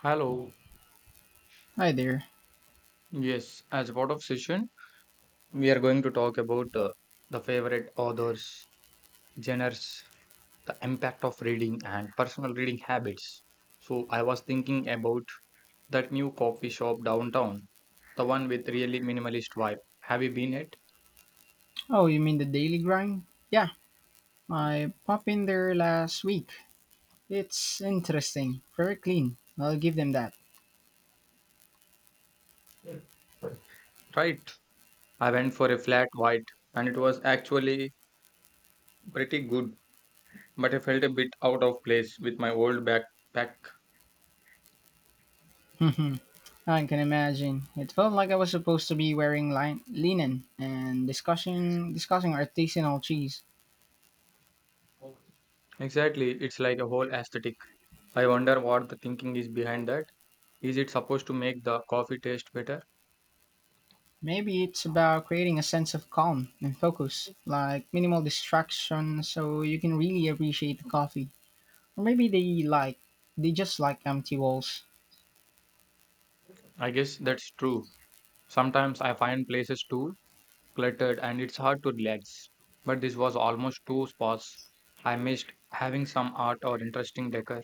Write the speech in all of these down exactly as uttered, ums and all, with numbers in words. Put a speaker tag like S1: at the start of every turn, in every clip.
S1: Hello.
S2: Hi there.
S1: Yes, as part of session, we are going to talk about uh, the favorite authors, genres, the impact of reading, and personal reading habits. So I was thinking about that new coffee shop downtown, the one with really minimalist vibe. Have you been it?
S2: Oh, you mean the Daily Grind? Yeah, I popped in there last week. It's interesting. Very clean. I'll give them that.
S1: Right. I went for a flat white, and it was actually pretty good, but I felt a bit out of place with my old backpack.
S2: I can imagine. It felt like I was supposed to be wearing lin- linen and discussing discussing artisanal cheese.
S1: Exactly, it's like a whole aesthetic. I wonder what the thinking is behind that. Is it supposed to make the coffee taste better?
S2: Maybe it's about creating a sense of calm and focus, like minimal distraction, so you can really appreciate the coffee. Or maybe they like they just like empty walls.
S1: I guess that's true. Sometimes I find places too cluttered and it's hard to relax. But this was almost two spots. I missed having some art or interesting decor.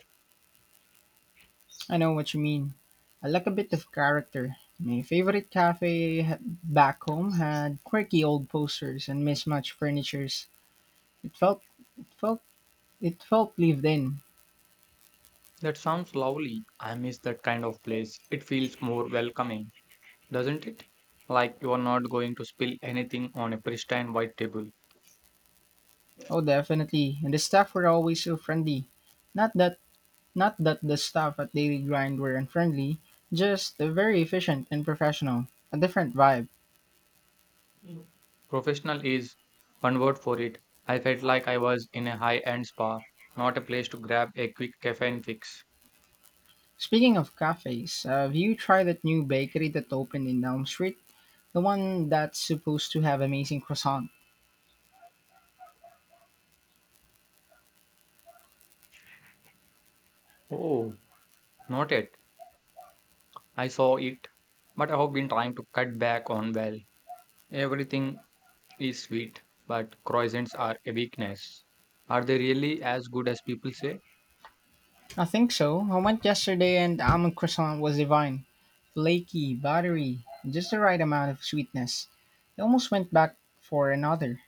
S2: I know what you mean. I like a bit of character. My favorite cafe h- back home had quirky old posters and mismatched furnitures. It felt, it felt, it felt lived in.
S1: That sounds lovely. I miss that kind of place. It feels more welcoming, doesn't it? Like you are not going to spill anything on a pristine white table.
S2: Oh, definitely. And the staff were always so friendly. Not that, not that the staff at Daily Grind were unfriendly, just very efficient and professional. A different vibe.
S1: Mm. Professional is one word for it. I felt like I was in a high end spa, not a place to grab a quick caffeine fix.
S2: Speaking of cafes, have you tried that new bakery that opened in Elm Street? The one that's supposed to have amazing croissants.
S1: Oh, not yet. I saw it, but I have been trying to cut back on, well, everything is sweet, but croissants are a weakness. Are they really as good as people say?
S2: I think so. I went yesterday and the almond croissant was divine. Flaky, buttery, and just the right amount of sweetness. I almost went back for another.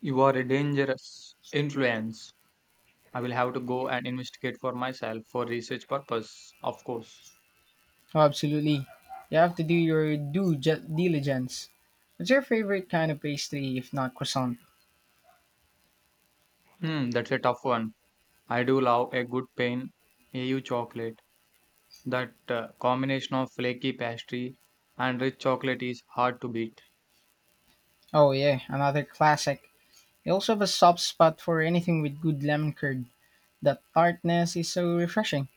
S1: You are a dangerous influence. I will have to go and investigate for myself, for research purpose, of course.
S2: Oh, absolutely. You have to do your due ju- diligence. What's your favorite kind of pastry, if not croissant?
S1: Hmm, that's a tough one. I do love a good pain A U chocolate. That uh, combination of flaky pastry and rich chocolate is hard to beat.
S2: Oh, yeah, another classic. I also have a soft spot for anything with good lemon curd. That tartness is so refreshing.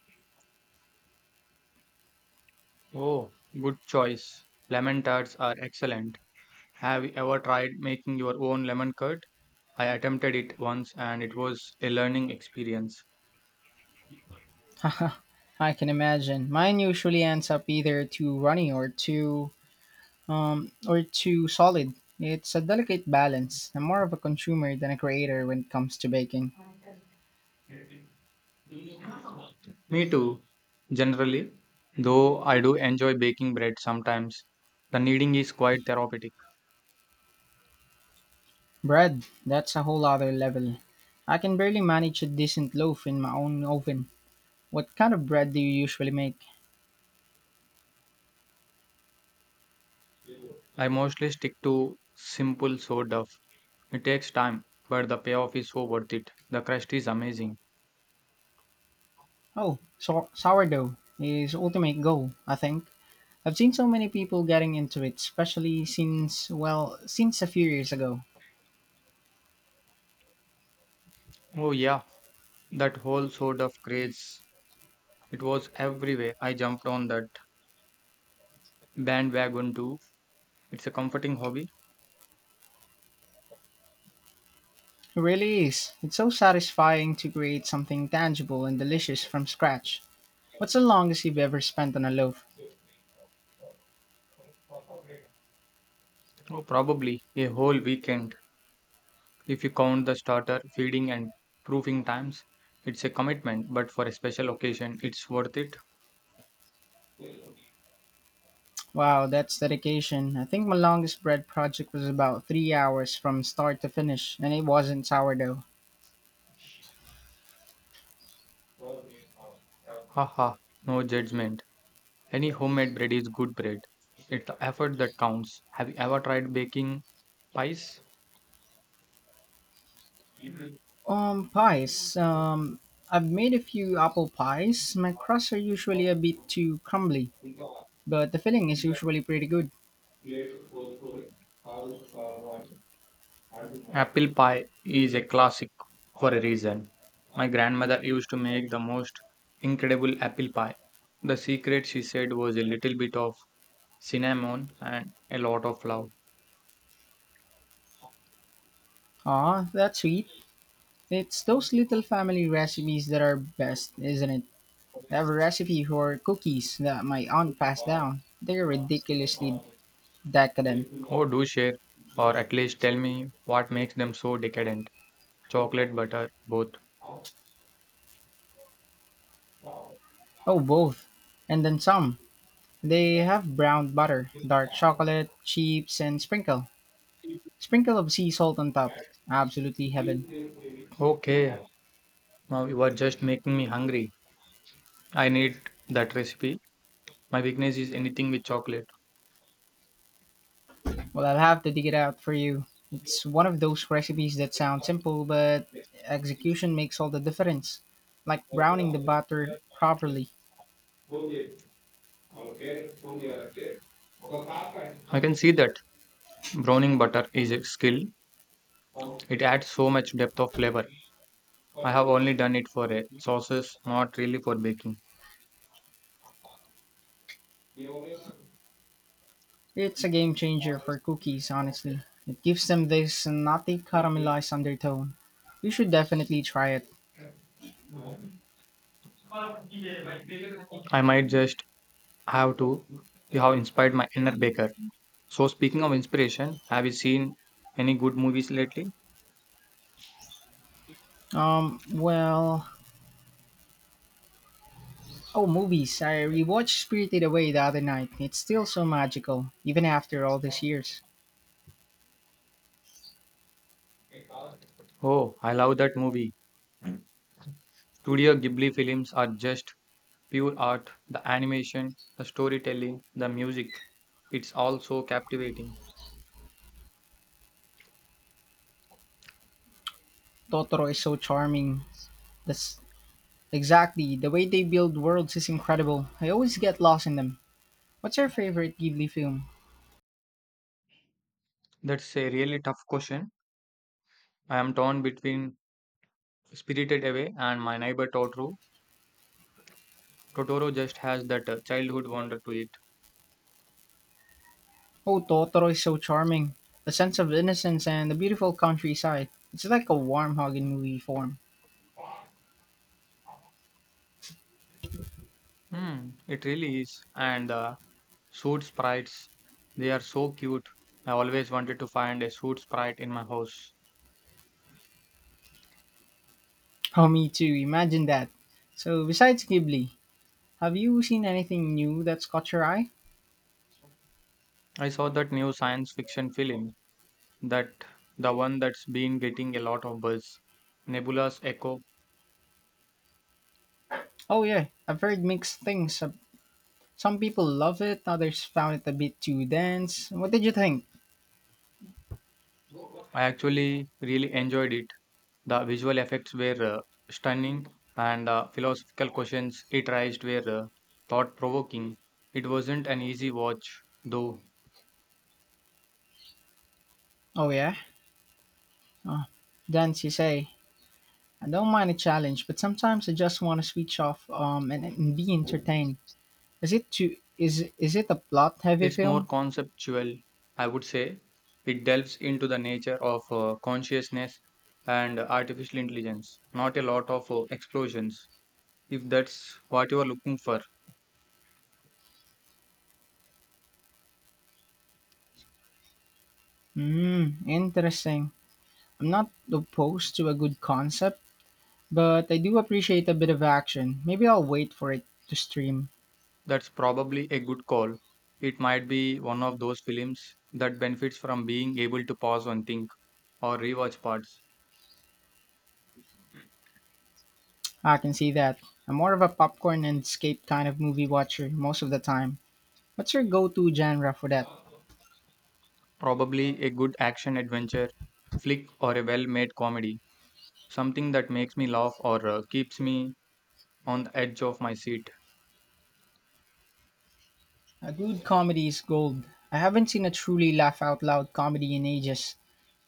S1: Oh, good choice. Lemon tarts are excellent. Have you ever tried making your own lemon curd? I attempted it once and it was a learning experience.
S2: Haha, I can imagine. Mine usually ends up either too runny or too um, or too solid. It's a delicate balance. I'm more of a consumer than a creator when it comes to baking.
S1: Me too, generally, though I do enjoy baking bread sometimes. The kneading is quite therapeutic.
S2: Bread, that's a whole other level. I can barely manage a decent loaf in my own oven. What kind of bread do you usually make?
S1: I mostly stick to simple sourdough. It takes time, but the payoff is so worth it. The crust is amazing.
S2: Oh, so- sourdough is ultimate goal, I think. I've seen so many people getting into it, especially since, well, since a few years ago.
S1: Oh, yeah, that whole sort of craze. It was everywhere. I jumped on that bandwagon too. It's a comforting hobby.
S2: It really is. It's so satisfying to create something tangible and delicious from scratch. What's the longest you've ever spent on a loaf?
S1: Oh, probably a whole weekend. If you count the starter, feeding, and proofing times, it's a commitment, but for a special occasion, it's worth it.
S2: Wow, that's dedication. I think my longest bread project was about three hours from start to finish, and it wasn't sourdough.
S1: Haha, no judgment. Any homemade bread is good bread. It's the effort that counts. Have you ever tried baking pies?
S2: Um, pies. Um, I've made a few apple pies. My crusts are usually a bit too crumbly, but the filling is usually pretty good.
S1: Apple pie is a classic for a reason. My grandmother used to make the most incredible apple pie. The secret, she said, was a little bit of cinnamon and a lot of love.
S2: Aw, that's sweet. It's those little family recipes that are best, isn't it? I have a recipe for cookies that my aunt passed down. They're ridiculously decadent.
S1: Oh, do share, or at least tell me what makes them so decadent. Chocolate, butter, both.
S2: Oh, both. And then some. They have browned butter, dark chocolate, chips, and sprinkle. Sprinkle of sea salt on top. Absolutely heaven.
S1: Okay, now you are just making me hungry. I need that recipe. My weakness is anything with chocolate.
S2: Well, I'll have to dig it out for you. It's one of those recipes that sound simple, but execution makes all the difference. Like browning the butter properly.
S1: I can see that browning butter is a skill. It adds so much depth of flavor. I have only done it for uh, sauces, not really for baking.
S2: It's a game changer for cookies, honestly. It gives them this nutty caramelized undertone. You should definitely try it.
S1: I might just have to. You have inspired my inner baker. So, speaking of inspiration, have you seen any good movies lately?
S2: Um, well, Oh, movies. I rewatched Spirited Away the other night. It's still so magical, even after all these years.
S1: Oh, I love that movie. Studio Ghibli films are just pure art. The animation, the storytelling, the music. It's all so captivating.
S2: Totoro is so charming. That's exactly the way they build worlds is incredible. I always get lost in them. What's your favorite Ghibli film?
S1: That's a really tough question. I am torn between Spirited Away and My Neighbor Totoro. Totoro just has that uh, childhood wonder to it.
S2: Oh, Totoro is so charming. The sense of innocence and the beautiful countryside. It's like a warm hug in movie form.
S1: Hmm, it really is. And the suit sprites, they are so cute. I always wanted to find a suit sprite in my house.
S2: Oh, me too. Imagine that. So, besides Ghibli, have you seen anything new that's caught your eye?
S1: I saw that new science fiction film, that the one that's been getting a lot of buzz, Nebula's Echo.
S2: Oh, yeah. I've heard mixed things. Some people love it, others found it a bit too dense. What did you think?
S1: I actually really enjoyed it. The visual effects were uh, stunning, and the philosophical questions it raised were uh, thought-provoking. It wasn't an easy watch, though.
S2: Oh, yeah? Oh, then she say, I don't mind a challenge, but sometimes I just want to switch off um, and, and be entertained. Is it too, is, is it a plot heavy
S1: It's more
S2: film?
S1: conceptual, I would say. It delves into the nature of uh, consciousness and artificial intelligence, not a lot of uh, explosions. If that's what you are looking for,
S2: Hmm, interesting. I'm not opposed to a good concept, but I do appreciate a bit of action. Maybe I'll wait for it to stream.
S1: that's probably a good call. It might be one of those films that benefits from being able to pause and think or rewatch parts.
S2: I can see that. I'm more of a popcorn and escape kind of movie watcher most of the time. What's your go to genre for that?
S1: Probably a good action adventure flick or a well made comedy, something that makes me laugh or uh, keeps me on the edge of my seat.
S2: A good comedy is gold. I haven't seen a truly laugh out loud comedy in ages.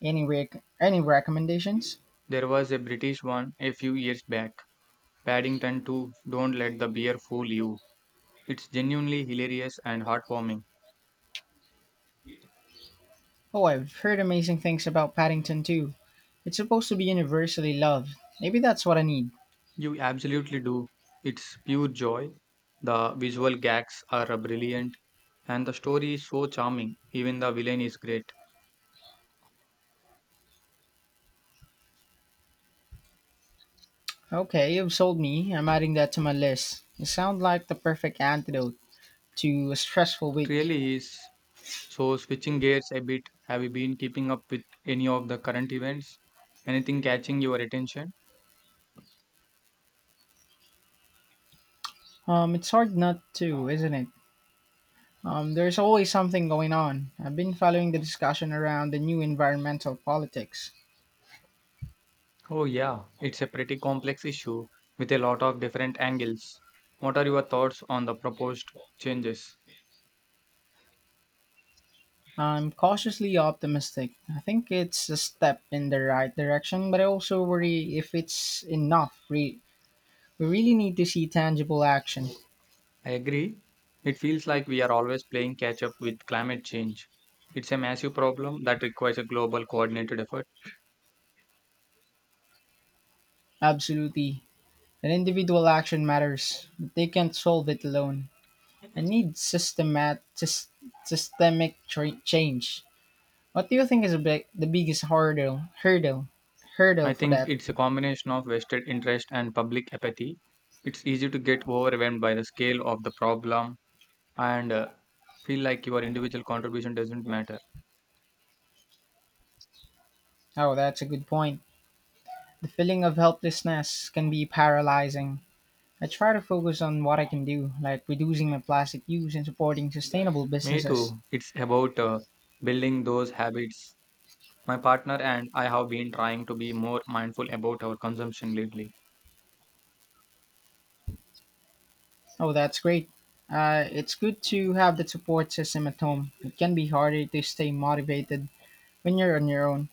S2: Any rec- any recommendations?
S1: There was a British one a few years back, Paddington two, Don't Let the Beer Fool You. It's genuinely hilarious and heartwarming.
S2: Oh, I've heard amazing things about Paddington too. It's supposed to be universally loved. Maybe that's what I need.
S1: You absolutely do. It's pure joy. The visual gags are uh, brilliant, and the story is so charming. Even the villain is great.
S2: Okay, you've sold me. I'm adding that to my list. You sound like the perfect antidote to a stressful
S1: It
S2: week.
S1: really is. So, switching gears a bit, have you been keeping up with any of the current events? Anything catching your attention?
S2: Um, it's hard not to, isn't it? Um, there's always something going on. I've been following the discussion around the new environmental politics.
S1: Oh, yeah, it's a pretty complex issue with a lot of different angles. What are your thoughts on the proposed changes?
S2: I'm cautiously optimistic. I think it's a step in the right direction, but I also worry if it's enough. Re- we really need to see tangible action.
S1: I agree. It feels like we are always playing catch up with climate change. It's a massive problem that requires a global coordinated effort.
S2: Absolutely. An individual action matters, but they can't solve it alone. I need systemat- sys- systemic tra- change. What do you think is a big, the biggest hurdle hurdle
S1: I
S2: hurdle for
S1: think
S2: that?
S1: it's a combination of vested interest and public apathy. It's easy to get overwhelmed by the scale of the problem and uh, feel like your individual contribution doesn't matter.
S2: Oh, that's a good point. The feeling of helplessness can be paralyzing. I try to focus on what I can do, like reducing my plastic use and supporting sustainable
S1: Me
S2: businesses.
S1: too. It's about uh, building those habits. My partner and I have been trying to be more mindful about our consumption lately.
S2: Oh, that's great. Uh, it's good to have the support system at home. It can be harder to stay motivated when you're on your own.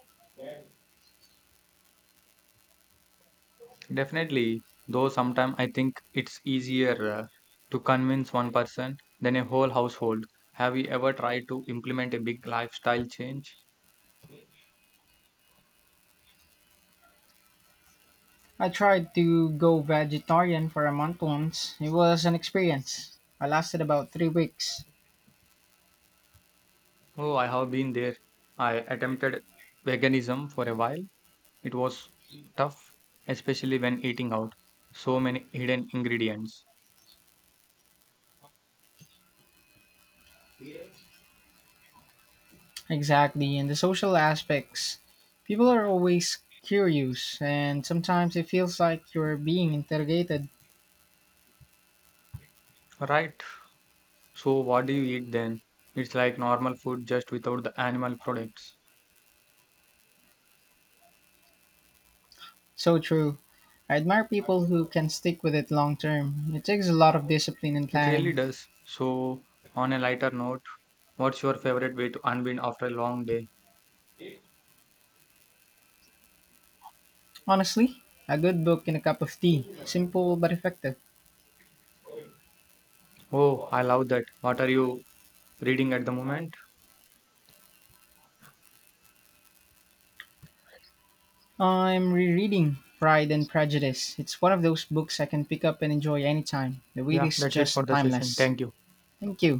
S1: Definitely, though sometimes I think it's easier uh, to convince one person than a whole household. Have you ever tried to implement a big lifestyle change?
S2: I tried to go vegetarian for a month once. It was an experience. I lasted about three weeks.
S1: Oh, I have been there. I attempted veganism for a while. It was tough, especially when eating out. So many hidden ingredients.
S2: Exactly, and the social aspects. People are always curious, and sometimes it feels like you're being interrogated.
S1: Right. So, what do you eat then? It's like normal food just without the animal products.
S2: So true. I admire people who can stick with it long term. It takes a lot of discipline and
S1: It really
S2: planning.
S1: does. So, on a lighter note, what's your favorite way to unwind after a long day?
S2: Honestly, a good book and a cup of tea. Simple but effective.
S1: Oh, I love that. What are you reading at the moment?
S2: I'm rereading Pride and Prejudice. It's one of those books I can pick up and enjoy anytime. The read
S1: Yeah,
S2: is
S1: that's it for
S2: just
S1: the session.
S2: timeless.
S1: Thank you.
S2: Thank you.